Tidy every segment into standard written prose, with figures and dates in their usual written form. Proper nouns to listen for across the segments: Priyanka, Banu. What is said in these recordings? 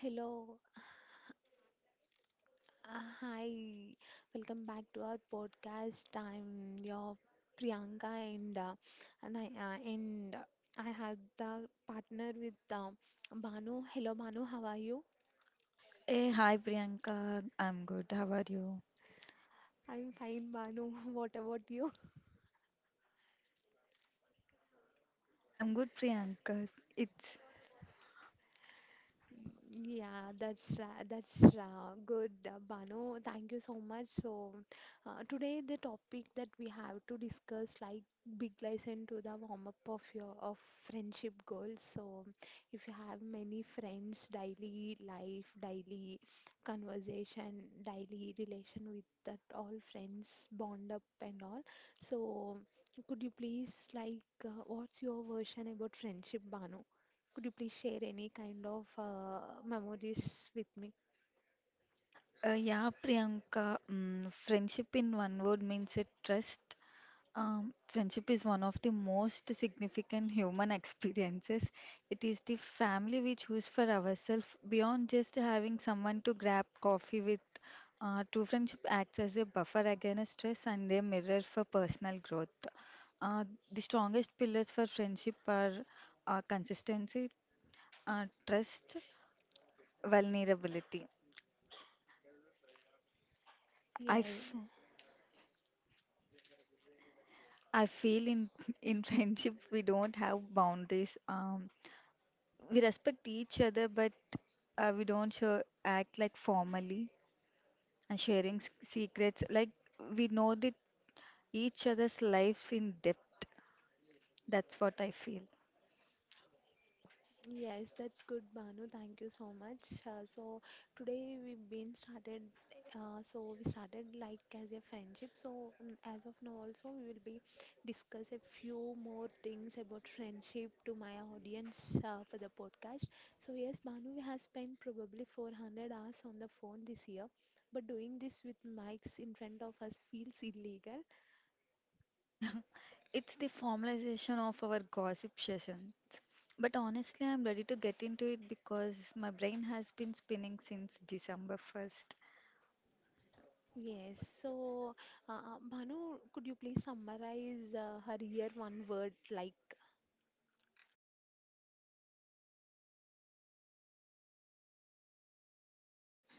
Hello, hi, welcome back to our podcast. I'm your Priyanka, and uh, and I had the partner with Banu. Hello, Banu, how are you? Hey, hi Priyanka. I'm good. How are you? I'm fine, Banu. What about you? I'm good, Priyanka. It's Yeah, that's good, Banu. Thank you so much. So, today the topic that we have to discuss, like big lesson to the warm up of your of friendship goals. So, if you have many friends, daily life, daily conversation, daily relation with that all friends bond up and all. So, could you please like what's your version about friendship, Banu? Could you please share any kind of memories with me? Yeah, Priyanka. Friendship in one word means a trust. Friendship is one of the most significant human experiences. It is the family we choose for ourselves beyond just having someone to grab coffee with. True friendship acts as a buffer against stress and a mirror for personal growth. Uh, the strongest pillars for friendship are consistency, trust, vulnerability. I, Yeah, f I feel in in friendship we don't have boundaries. We respect each other, but we don't show, act like formally and sharing s secrets. Like we know the each other's lives in depth. That's what I feel. yes, that's good, Banu. Thank you so much. So today we've been started. So we started like as a friendship. So mm, as of now, also we will be discuss a few more things about friendship to my audience for the podcast. So yes, Banu, we have spent probably 400 hours on the phone this year, but doing this with mics in front of us feels illegal. It's the formalization of our gossip sessions. But honestly, I'm ready to get into it because my brain has been spinning since December 1st. Yes. So, Bhanu, could you please summarize her year one word like?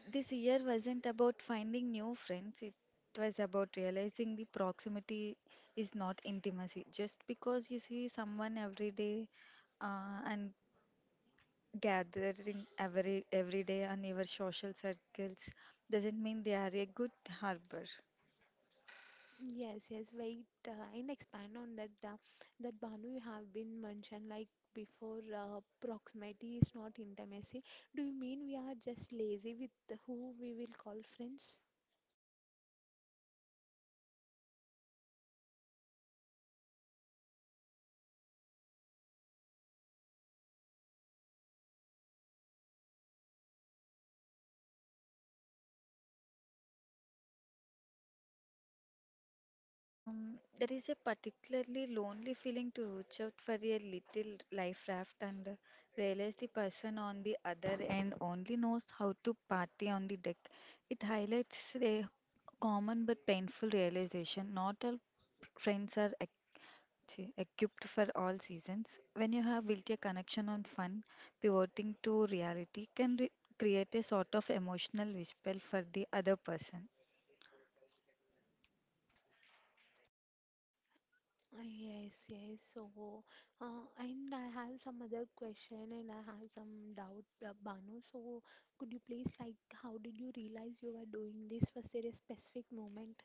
This year wasn't about finding new friends, it was about realizing the proximity is not intimacy. Just because you see someone every day and gathering every day on your social circles doesn't mean they are a good harbor. Yes, yes. Wait, and expand on that. That Bhanu you have been mentioned like before. Proximity is not intimacy. Do you mean we are just lazy with who we will call friends? There is a particularly lonely feeling to reach out for a little life raft and realize the person on the other end only knows how to party on the deck. It highlights a common but painful realization. Not all friends are equipped for all seasons. When you have built a connection on fun, pivoting to reality can create a sort of emotional whisper for the other person. Yes, yes. So, and I have some other question and I have some doubt, Banu. So, could you please, like, how did you realize you were doing this? Was there a specific moment?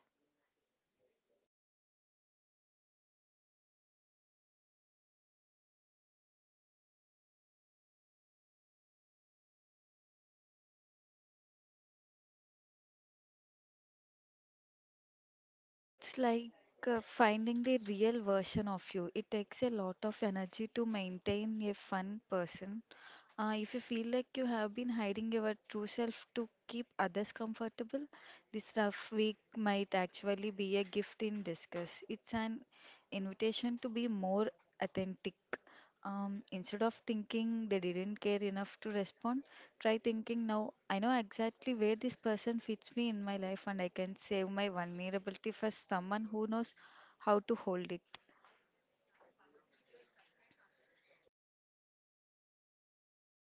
It's like finding the real version of you. It takes a lot of energy to maintain a fun person, if you feel like you have been hiding your true self to keep others comfortable, this rough week might actually be a gift in disguise. It's an invitation to be more authentic. Instead of thinking they didn't care enough to respond, try thinking now I know exactly where this person fits me in my life and I can save my vulnerability for someone who knows how to hold it.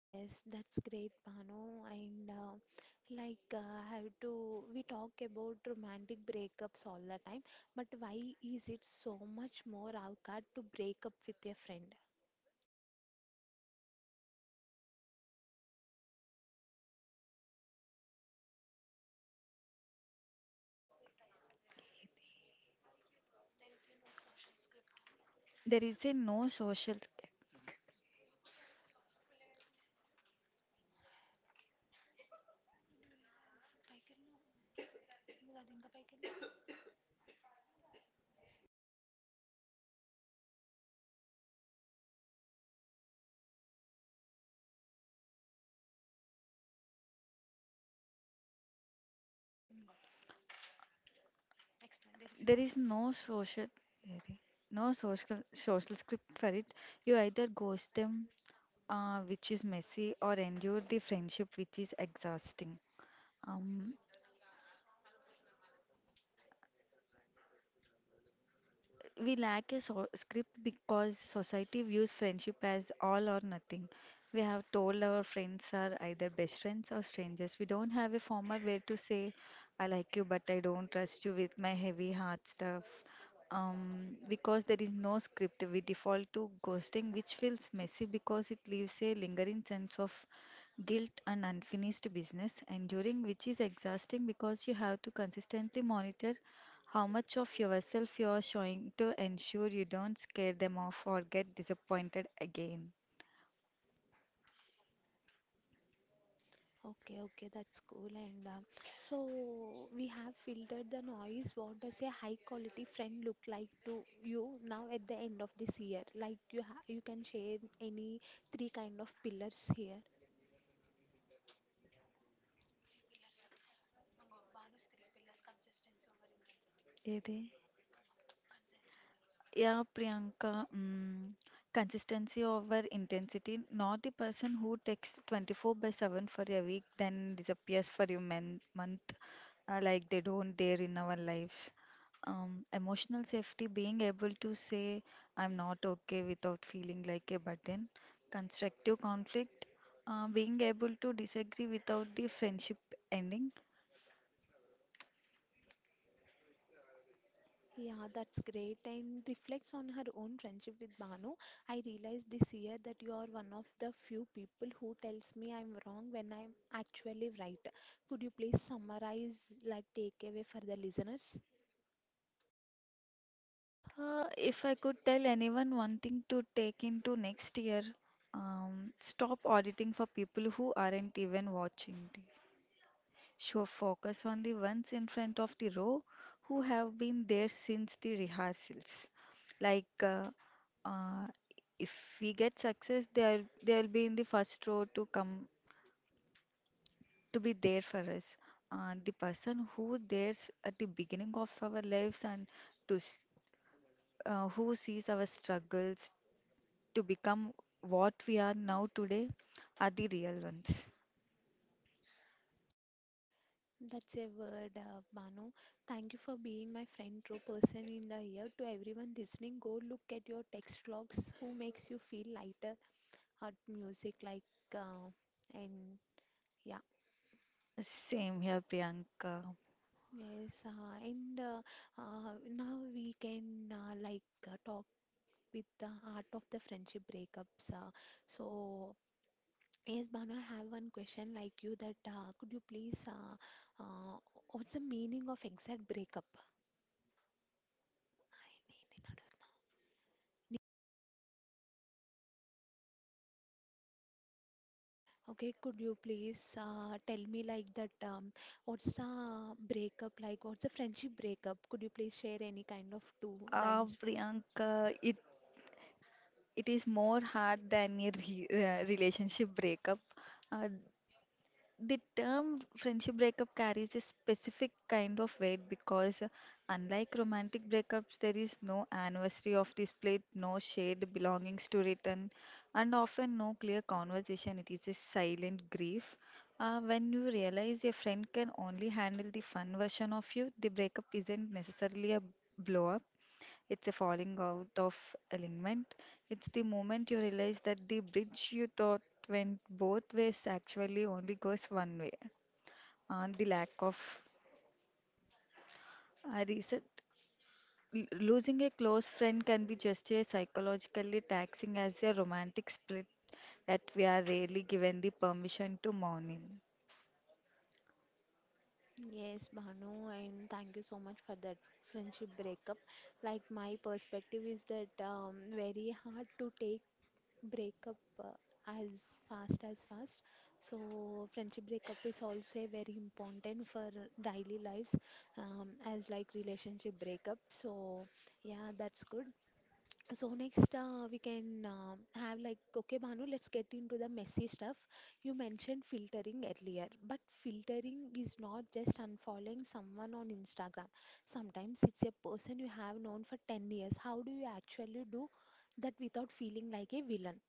Yes, that's great, Banu. And like, I have to, we talk about romantic breakups all the time, but why is it so much more awkward to break up with a friend? There is a no social There is no social script for it. You either ghost them, which is messy, or endure the friendship, which is exhausting. Um, We lack a script because society views friendship as all or nothing. We have told our friends are either best friends or strangers. We don't have a formal way to say, I like you, but I don't trust you with my heavy heart stuff. Because there is no script, we default to ghosting, which feels messy because it leaves a lingering sense of guilt and unfinished business, enduring which is exhausting because you have to consistently monitor how much of yourself you're showing to ensure you don't scare them off or get disappointed again. Okay, okay, that's cool. And so we have filtered the noise. What does a high quality friend look like to you now at the end of this year? Like you can share any three kind of pillars here. ఏది? Yeah, Priyanka, consistency over intensity, not the person who takes 24/7 for a week, then disappears for a man month, like they don't dare in our lives. Emotional safety, being able to say, I'm not okay without feeling like a burden. Constructive conflict, being able to disagree without the friendship ending. Yeah, that's great. And reflects on her own friendship with Banu. I realized this year that you are one of the few people who tells me I'm wrong when I'm actually right. Could you please summarize, like takeaway for the listeners? If I could tell anyone one thing to take into next year, stop auditing for people who aren't even watching the show. Focus on the ones in front of the row who have been there since the rehearsals. Like, uh, if we get success, they'll be in the first row to come to be there for us. The person who there's at the beginning of our lives and to s- who sees our struggles, to become what we are now today are the real ones. That's a word, Banu. Thank you for being my friend, true person in the year. To everyone listening, go look at your text logs. Who makes you feel lighter? Hot music, like, uh, and yeah, Ah, same here, Priyanka. yes. And now we can like talk with the art of the friendship breakups. So yes, Banu, I have one question like you that could you please uh, what's the meaning of exact breakup? Okay, could you please tell me like that what's a breakup like? What's a friendship breakup? Could you please share any kind of two Ah, lines for? Priyanka, it is more hard than a re relationship breakup. Uh, The term friendship breakup carries a specific kind of weight because, unlike romantic breakups, there is no anniversary of the split, no shared belongings to return, and often no clear conversation. It is a silent grief. When you realize your friend can only handle the fun version of you, the breakup isn't necessarily a blow up. It's a falling out of alignment. It's the moment you realize that the bridge you thought went both ways actually only goes one way. And the lack of a reset. Losing a close friend can be just as psychologically taxing as a romantic split that we are rarely given the permission to mourn in. Yes, Bhanu, and thank you so much for that friendship breakup. Like, my perspective is that very hard to take breakup uh, as fast. So, friendship breakup is also very important for daily lives, as like relationship breakup. So, yeah, that's good. So next we can have like okay Bhanu, let's get into the messy stuff. You mentioned filtering earlier, but filtering is not just unfollowing someone on Instagram. Sometimes it's a person you have known for 10 years. How do you actually do that without feeling like a villain?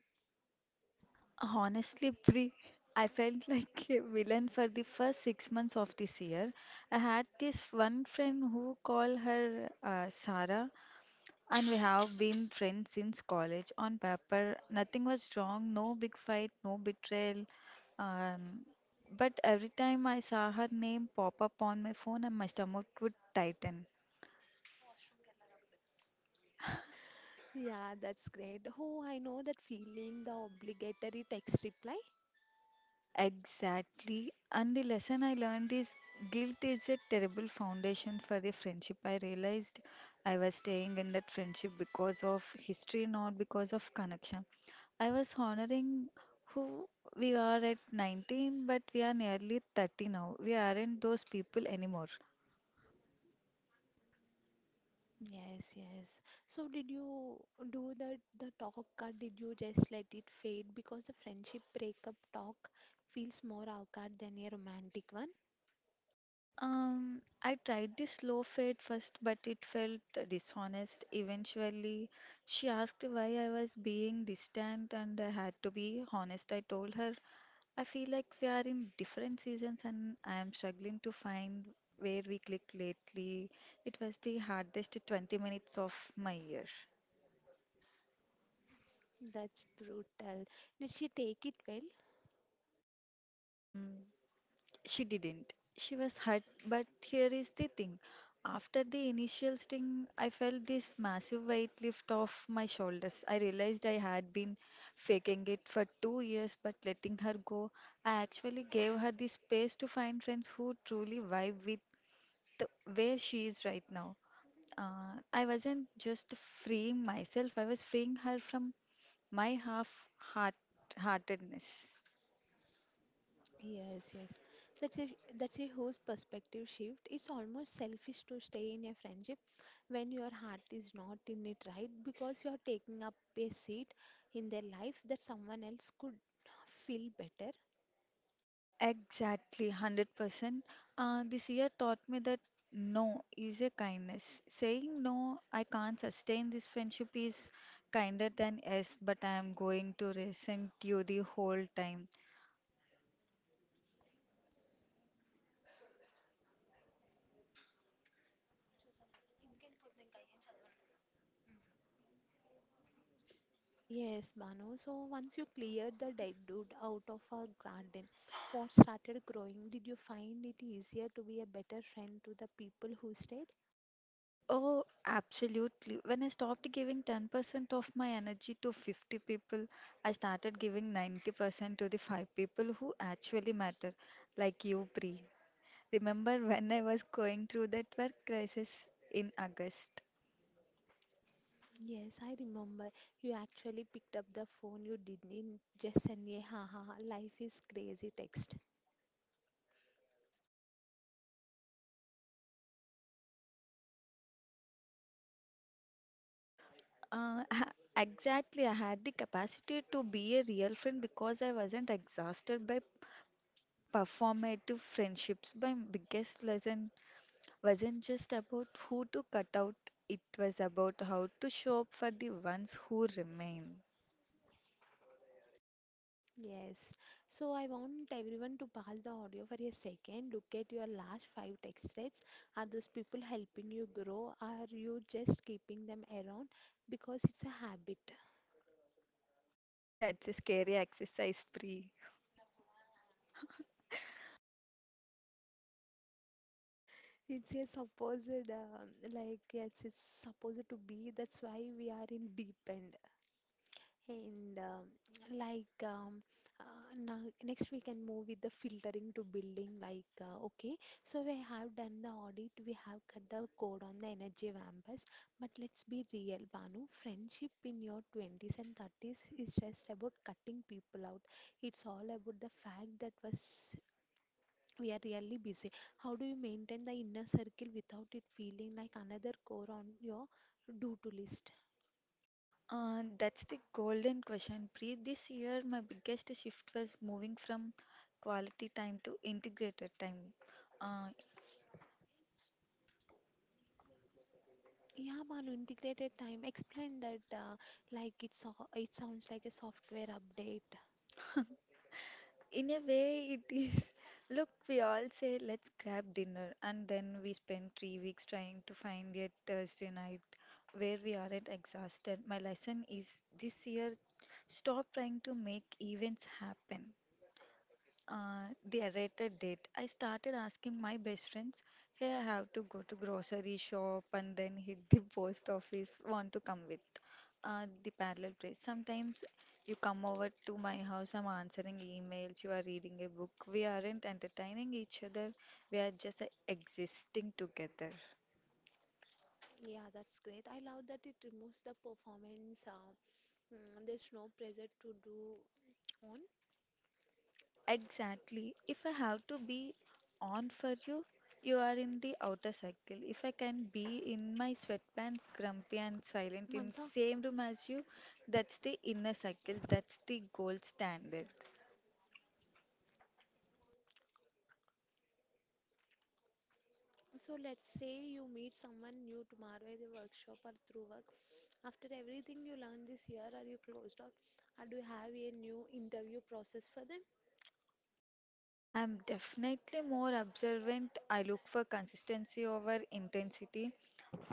Honestly, Pri, I felt like a villain for the first 6 months of this year. I had this one friend who called her Sarah, and we have been friends since college. On paper, nothing was wrong, no big fight, no betrayal. Um, but every time I saw her name pop up on my phone, and my stomach would tighten. Yeah, that's great. Oh, I know that feeling, the obligatory text reply. Exactly. And the lesson I learned is guilt is a terrible foundation for a friendship. I realized I was staying in that friendship because of history, not because of connection. I was honoring who we are at 19, but we are nearly 30 now. We aren't those people anymore. Yes, yes. So did you do that the talk or did you just let it fade because the friendship breakup talk feels more awkward than a romantic one? I tried the slow fade first, but it felt dishonest. Eventually, she asked why I was being distant, and I had to be honest. I told her I feel like we are in different seasons, and I am struggling to find where we click lately. It was the hardest 20 minutes of my year. That's brutal. Did she take it well? Um, She didn't. She was hurt, but here is the thing. After the initial sting, I felt this massive weight lift off my shoulders. I realized I had been faking it for 2 years, but letting her go, I actually gave her the space to find friends who truly vibe with where she is right now. I wasn't just freeing myself, I was freeing her from my half-heart heartedness. Yes, yes. That's a that's a whole perspective shift. It's almost selfish to stay in a friendship when your heart is not in it, right? Because you're taking up a seat in their life that someone else could feel better. Exactly, 100%. This year taught me that no is a kindness. Saying no, I can't sustain this friendship is kinder than yes, but I am going to resent you the whole time. Yes, Manu. So once you cleared the deadwood out of our garden, what started growing? Did you find it easier to be a better friend to the people who stayed? Oh, absolutely. When I stopped giving 10% of my energy to 50 people, I started giving 90% to the five people who actually matter, like you, Pri. Remember when I was going through that work crisis in August? Yes, I remember. You actually picked up the phone. You didn't just send a ha ha ha, life is crazy text. Exactly, I had the capacity to be a real friend because I wasn't exhausted by performative friendships. My biggest lesson wasn't just about who to cut out, it was about how to show up for the ones who remain. Yes. So I want everyone to pause the audio for a second. Look at your last five text threads. Are those people helping you grow? Are you just keeping them around because it's a habit? That's a scary exercise, Pri. It's a supposed, like, yes, it's supposed to be. That's why we are in deep end. And, um, like, um, Now, next we can move with the filtering to building. Like, okay, so we have done the audit, we have cut the code on the energy vampires. But let's be real, Banu. Friendship in your 20s and 30s is just about cutting people out. It's all about the fact that was we are really busy. How do you maintain the inner circle without it feeling like another core on your do to list? That's the golden question, Pri. This year, my biggest shift was moving from quality time to integrated time. Uh, Yeah, Manu, integrated time. Explain that like it sounds like a software update. In a way, it is. Look, we all say, let's grab dinner, and then we spend 3 weeks trying to find a Thursday night where we aren't exhausted. My lesson is this year stop trying to make events happen. The errated date. I started asking my best friends, hey, I have to go to grocery shop and then hit the post office. Want to come with? The parallel place. Sometimes you come over to my house, I'm answering emails, you are reading a book. We aren't entertaining each other, we are just existing together. Yeah, that's great. I love that it removes the performance. Mm, there's no pressure to do on. Exactly. If I have to be on for you, you are in the outer circle. If I can be in my sweatpants, grumpy and silent in Mansa, same room as you, that's the inner circle. That's the gold standard. so let's say you meet someone new tomorrow at the workshop or through work. After everything you learned this year, are you closed out? Or do you have a new interview process for them? I'm definitely more observant. I look for consistency over intensity.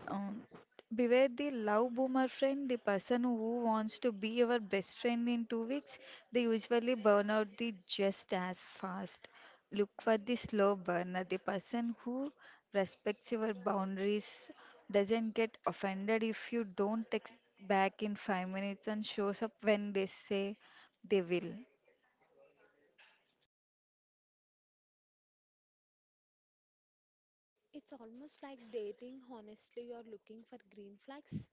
Um, beware the love boomer friend, the person who wants to be your best friend in 2 weeks. They usually burn out the just as fast. Look for the slow burner, the person who respects your boundaries, doesn't get offended if you don't text back in 5 minutes and shows up when they say they will. It's almost like dating. Honestly, you are looking for green flags.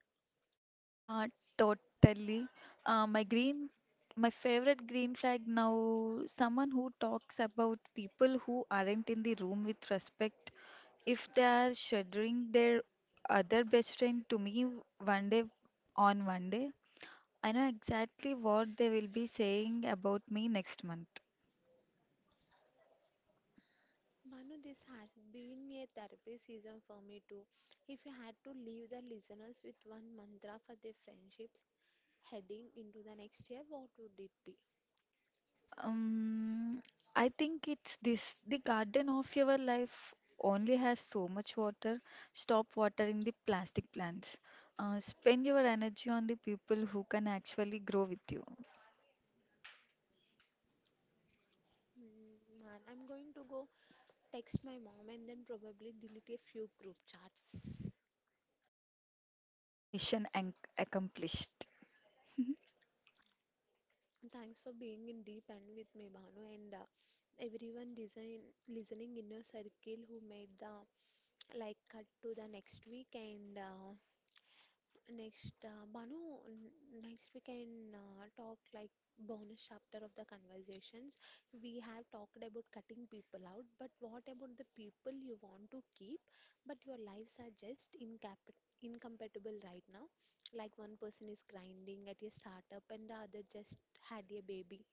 Uh, totally. Uh, my green, my favorite green flag now, someone who talks about people who aren't in the room with respect. If they are shadowing their other best friend to me one day on one day, I know exactly what they will be saying about me next month. Manu, this has been a therapy season for me too. If you had to leave the listeners with one mantra for their friendships heading into the next year, what would it be? Um, I think it's this. The garden of your life only has so much water. Stop watering the plastic plants. Spend your energy on the people who can actually grow with you. Mm, Man, I'm going to go text my mom and then probably delete a few group chats. Mission an accomplished. Thanks for being in deep end with me, Banu, and everyone listening in your circle who made the like cut to the next week. And next, Banu, next we can talk like bonus chapter of the conversations. We have talked about cutting people out, but what about the people you want to keep, but your lives are just incap incompatible right now? Like one person is grinding at a startup and the other just had a baby.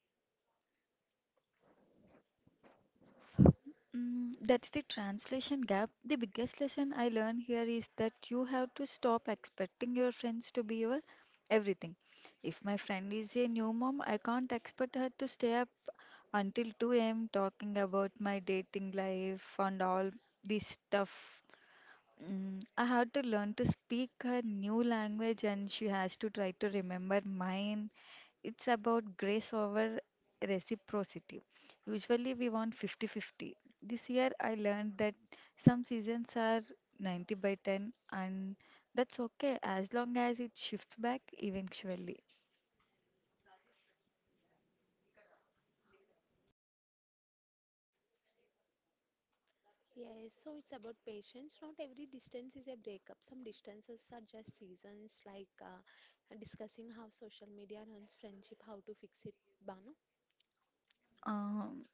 That's the translation gap. The biggest lesson I learned here is that you have to stop expecting your friends to be your everything. If my friend is a new mom, I can't expect her to stay up until 2 a.m. talking about my dating life and all this stuff. I had to learn to speak her new language and she has to try to remember mine. It's about grace over reciprocity. Usually we want 50-50. This year I learned that some seasons are 90 by 10 and that's okay as long as it shifts back eventually. Yes, so it's about patience. Not every distance is a breakup. Some distances are just seasons, like discussing how social media runs friendship, how to fix it, Banu. Um,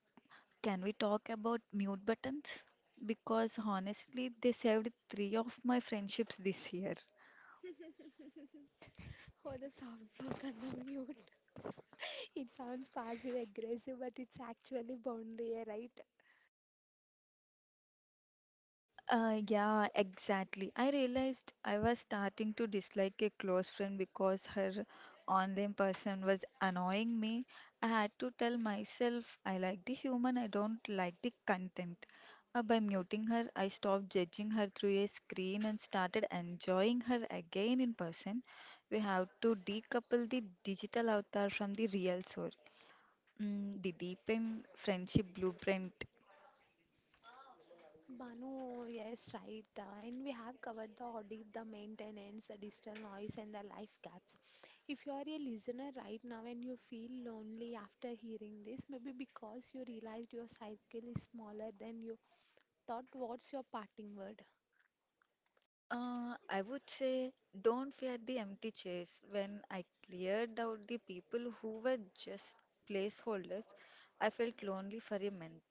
can we talk about mute buttons? Because honestly, they saved three of my friendships this year. Oh, the soft block and the mute. It sounds passive aggressive, but it's actually boundary, right? Yeah, exactly. I realized I was starting to dislike a close friend because her online person was annoying me. I had to tell myself I like the human, I don't like the content. By muting her, I stopped judging her through a screen and started enjoying her again in person. We have to decouple the digital avatar from the real soul. Mm, the deepened friendship blueprint. Banu, yes, right. And we have covered the audit, the maintenance, the digital noise, and the life gaps. If you are a listener right now and you feel lonely after hearing this, maybe because you realized your cycle is smaller than you thought, what's your parting word? I would say don't fear the empty chairs. When I cleared out the people who were just placeholders, I felt lonely for a month.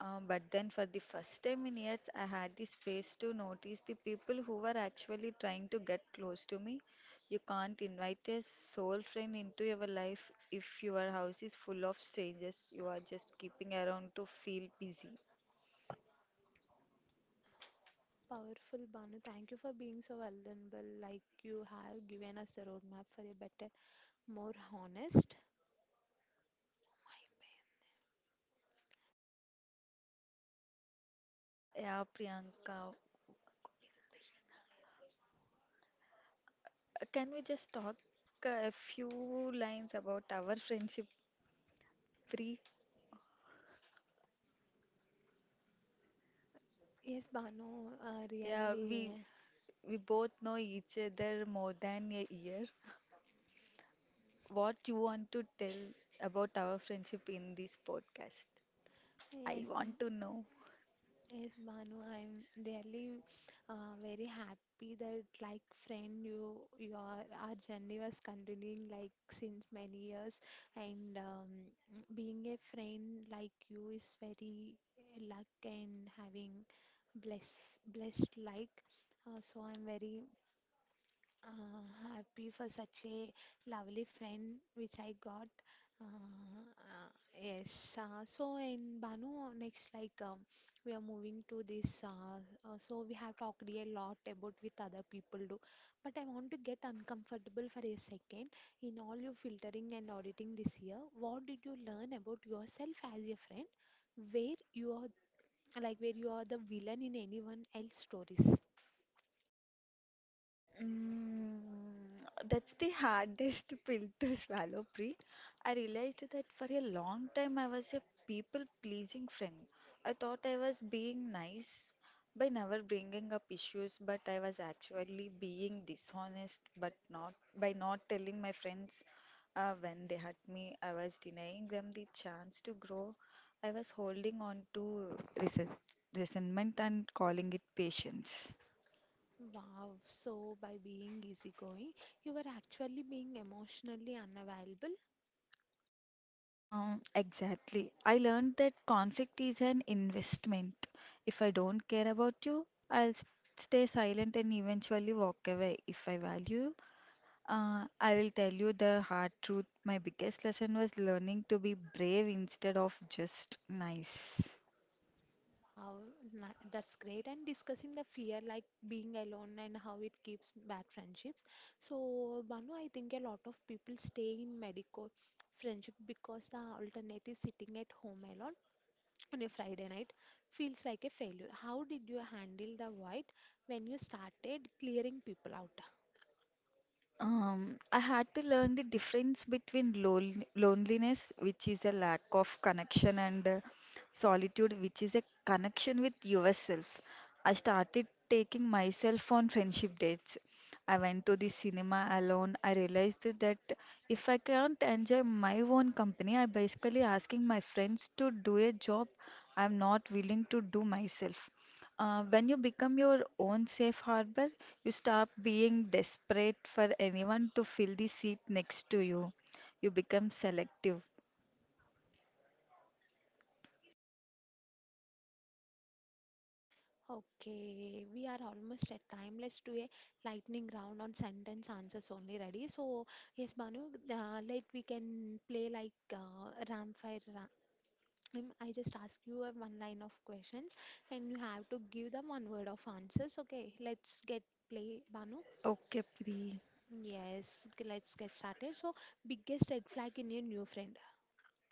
But then, for the first time in years, I had the space to notice the people who were actually trying to get close to me. You can't invite a soul friend into your life if your house is full of strangers you are just keeping around to feel busy. Powerful Banu, thank you for being so vulnerable. Like you have given us the roadmap for a better, more honest. Yeah, Priyanka. Can we just talk a few lines about our friendship, Pri? Yes, Banu, Yeah, we really. we both know each other more than a year. What you want to tell about our friendship in this podcast? I Yes, want to know. yes, Bhanu, I'm really very happy that like friend you your our journey was continuing like since many years and being a friend like you is very luck and having blessed like so I'm very happy for such a lovely friend which I got. Uh, uh, yes. So in Banu, next like we are moving to this. So we have talked a lot about with other people do, but I want to get uncomfortable for a second. In all your filtering and auditing this year, what did you learn about yourself as a friend? Where you are where you are the villain in anyone else's stories? Mm, that's the hardest pill to swallow, Pri. I realized that for a long time I was a people pleasing friend. I thought I was being nice by never bringing up issues, but I was actually being dishonest, but not by not telling my friends when they hurt me. I was denying them the chance to grow. I was holding on to resentment and calling it patience. Wow, so by being easygoing, you were actually being emotionally unavailable. Exactly. I learned that conflict is an investment. If I don't care about you, I'll stay silent and eventually walk away. If I value you, I will tell you the hard truth. My biggest lesson was learning to be brave instead of just nice. Wow, that's great. And discussing the fear like being alone and how it keeps bad friendships. So, Banu, I think a lot of people stay in medical friendship because the alternative sitting at home alone on a Friday night feels like a failure. How did you handle the void when you started clearing people out? I had to learn the difference between loneliness, which is a lack of connection, and solitude, which is a connection with yourself. I started taking myself on friendship dates. I went to the cinema alone. I realized that if I can't enjoy my own company, I basically asking my friends to do a job I'm not willing to do myself. When you become your own safe harbor, you stop being desperate for anyone to fill the seat next to you. You become selective. Okay, we are almost at time. Let's do a lightning round on sentence answers only. Ready? So, yes, Banu, like we can play like Ramfire. I just ask you a one line of questions, and you have to give them one word of answers. Okay, let's get play, Banu. Okay, Pri. Yes, let's get started. So, biggest red flag in your new friend.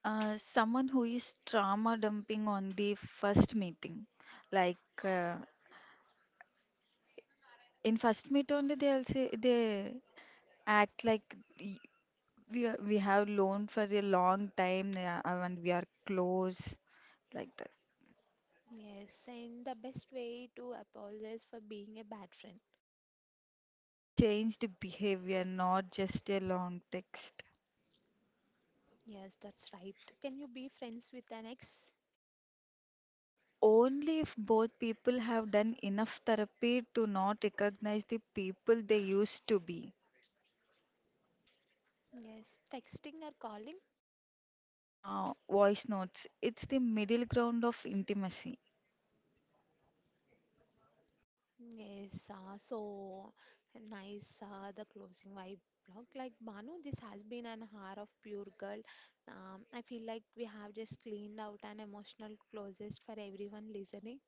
Someone who is trauma dumping on the first meeting. Like uh, in first meet only they'll say they act like y- we have known for a long time, yeah, and we are close like that. Yes, and the best way to apologize for being a bad friend. Changed behavior, not just a long text. Yes, that's right. Can you be friends with an ex? Only if both people have done enough therapy to not recognize the people they used to be. Yes, texting or calling. Voice notes. It's the middle ground of intimacy. Yes, so nice the closing vibe vlog. Like Banu, this has been an hour of pure girl. I feel like we have just cleaned out an emotional closest for everyone listening.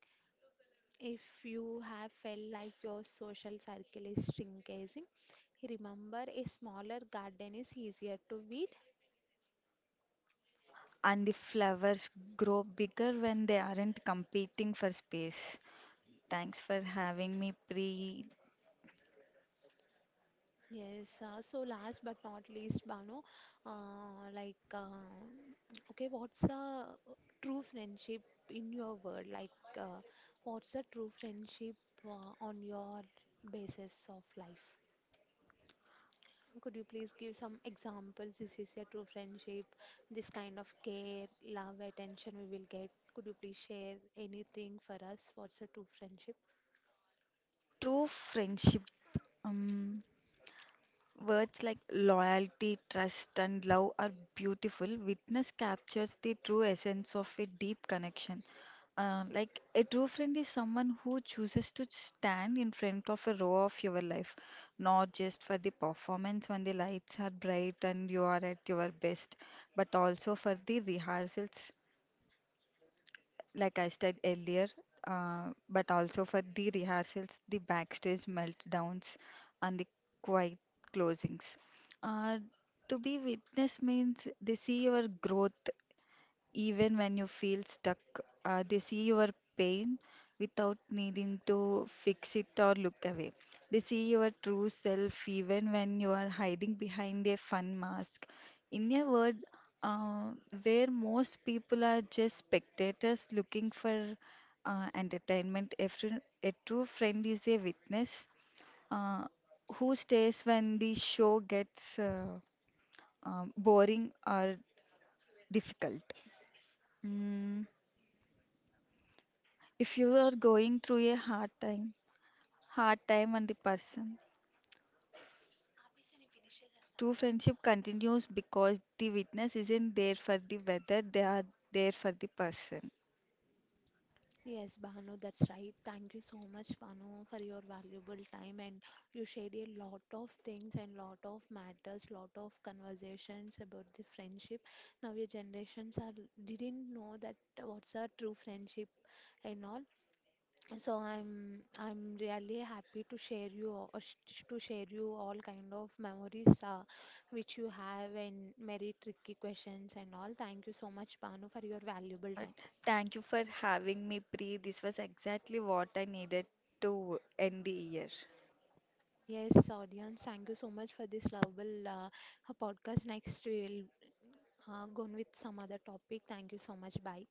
If you have felt like your social circle is shrinking, remember a smaller garden is easier to weed. And the flowers grow bigger when they aren't competing for space. Thanks for having me, Pre. Yes, so last but not least, Bano, like, okay, what's a true friendship in your world? Like, uh, what's a true friendship on your basis of life? Could you please give some examples? This is a true friendship, this kind of care, love, attention we will get. Could you please share anything for us? What's a true friendship? True friendship. Um, Words like loyalty, trust, and love are beautiful. Witness captures the true essence of a deep connection. Like a true friend is someone who chooses to stand in front of a row of your life, not just for the performance when the lights are bright and you are at your best, but also for the rehearsals like I said earlier, but also for the rehearsals, the backstage meltdowns, and the quiet closings. Uh, to be witness means they see your growth even when you feel stuck. They see your pain without needing to fix it or look away. They see your true self even when you are hiding behind a fun mask. In a word, uh, where most people are just spectators looking for entertainment, a true friend is a witness uh, who stays when the show gets boring or difficult. Mm. If you are going through a hard time and the person, true friendship continues because the witness isn't there for the weather, they are there for the person. Yes, Bhanu, that's right. Thank you so much, Bhanu, for your valuable time and you shared a lot of things and lot of matters, lot of conversations about the friendship. Now your generations are didn't know that what's a true friendship and all. So I'm really happy to share you all- sh- to share you all kind of memories which you have and very tricky questions and all. Thank you so much, Bhanu, for your valuable Yeah, time. thank you for having me, Pri. This was exactly what I needed to end the year. Yes, audience, thank you so much for this lovable podcast. Next, we'll go on with some other topic. Thank you so much. Bye.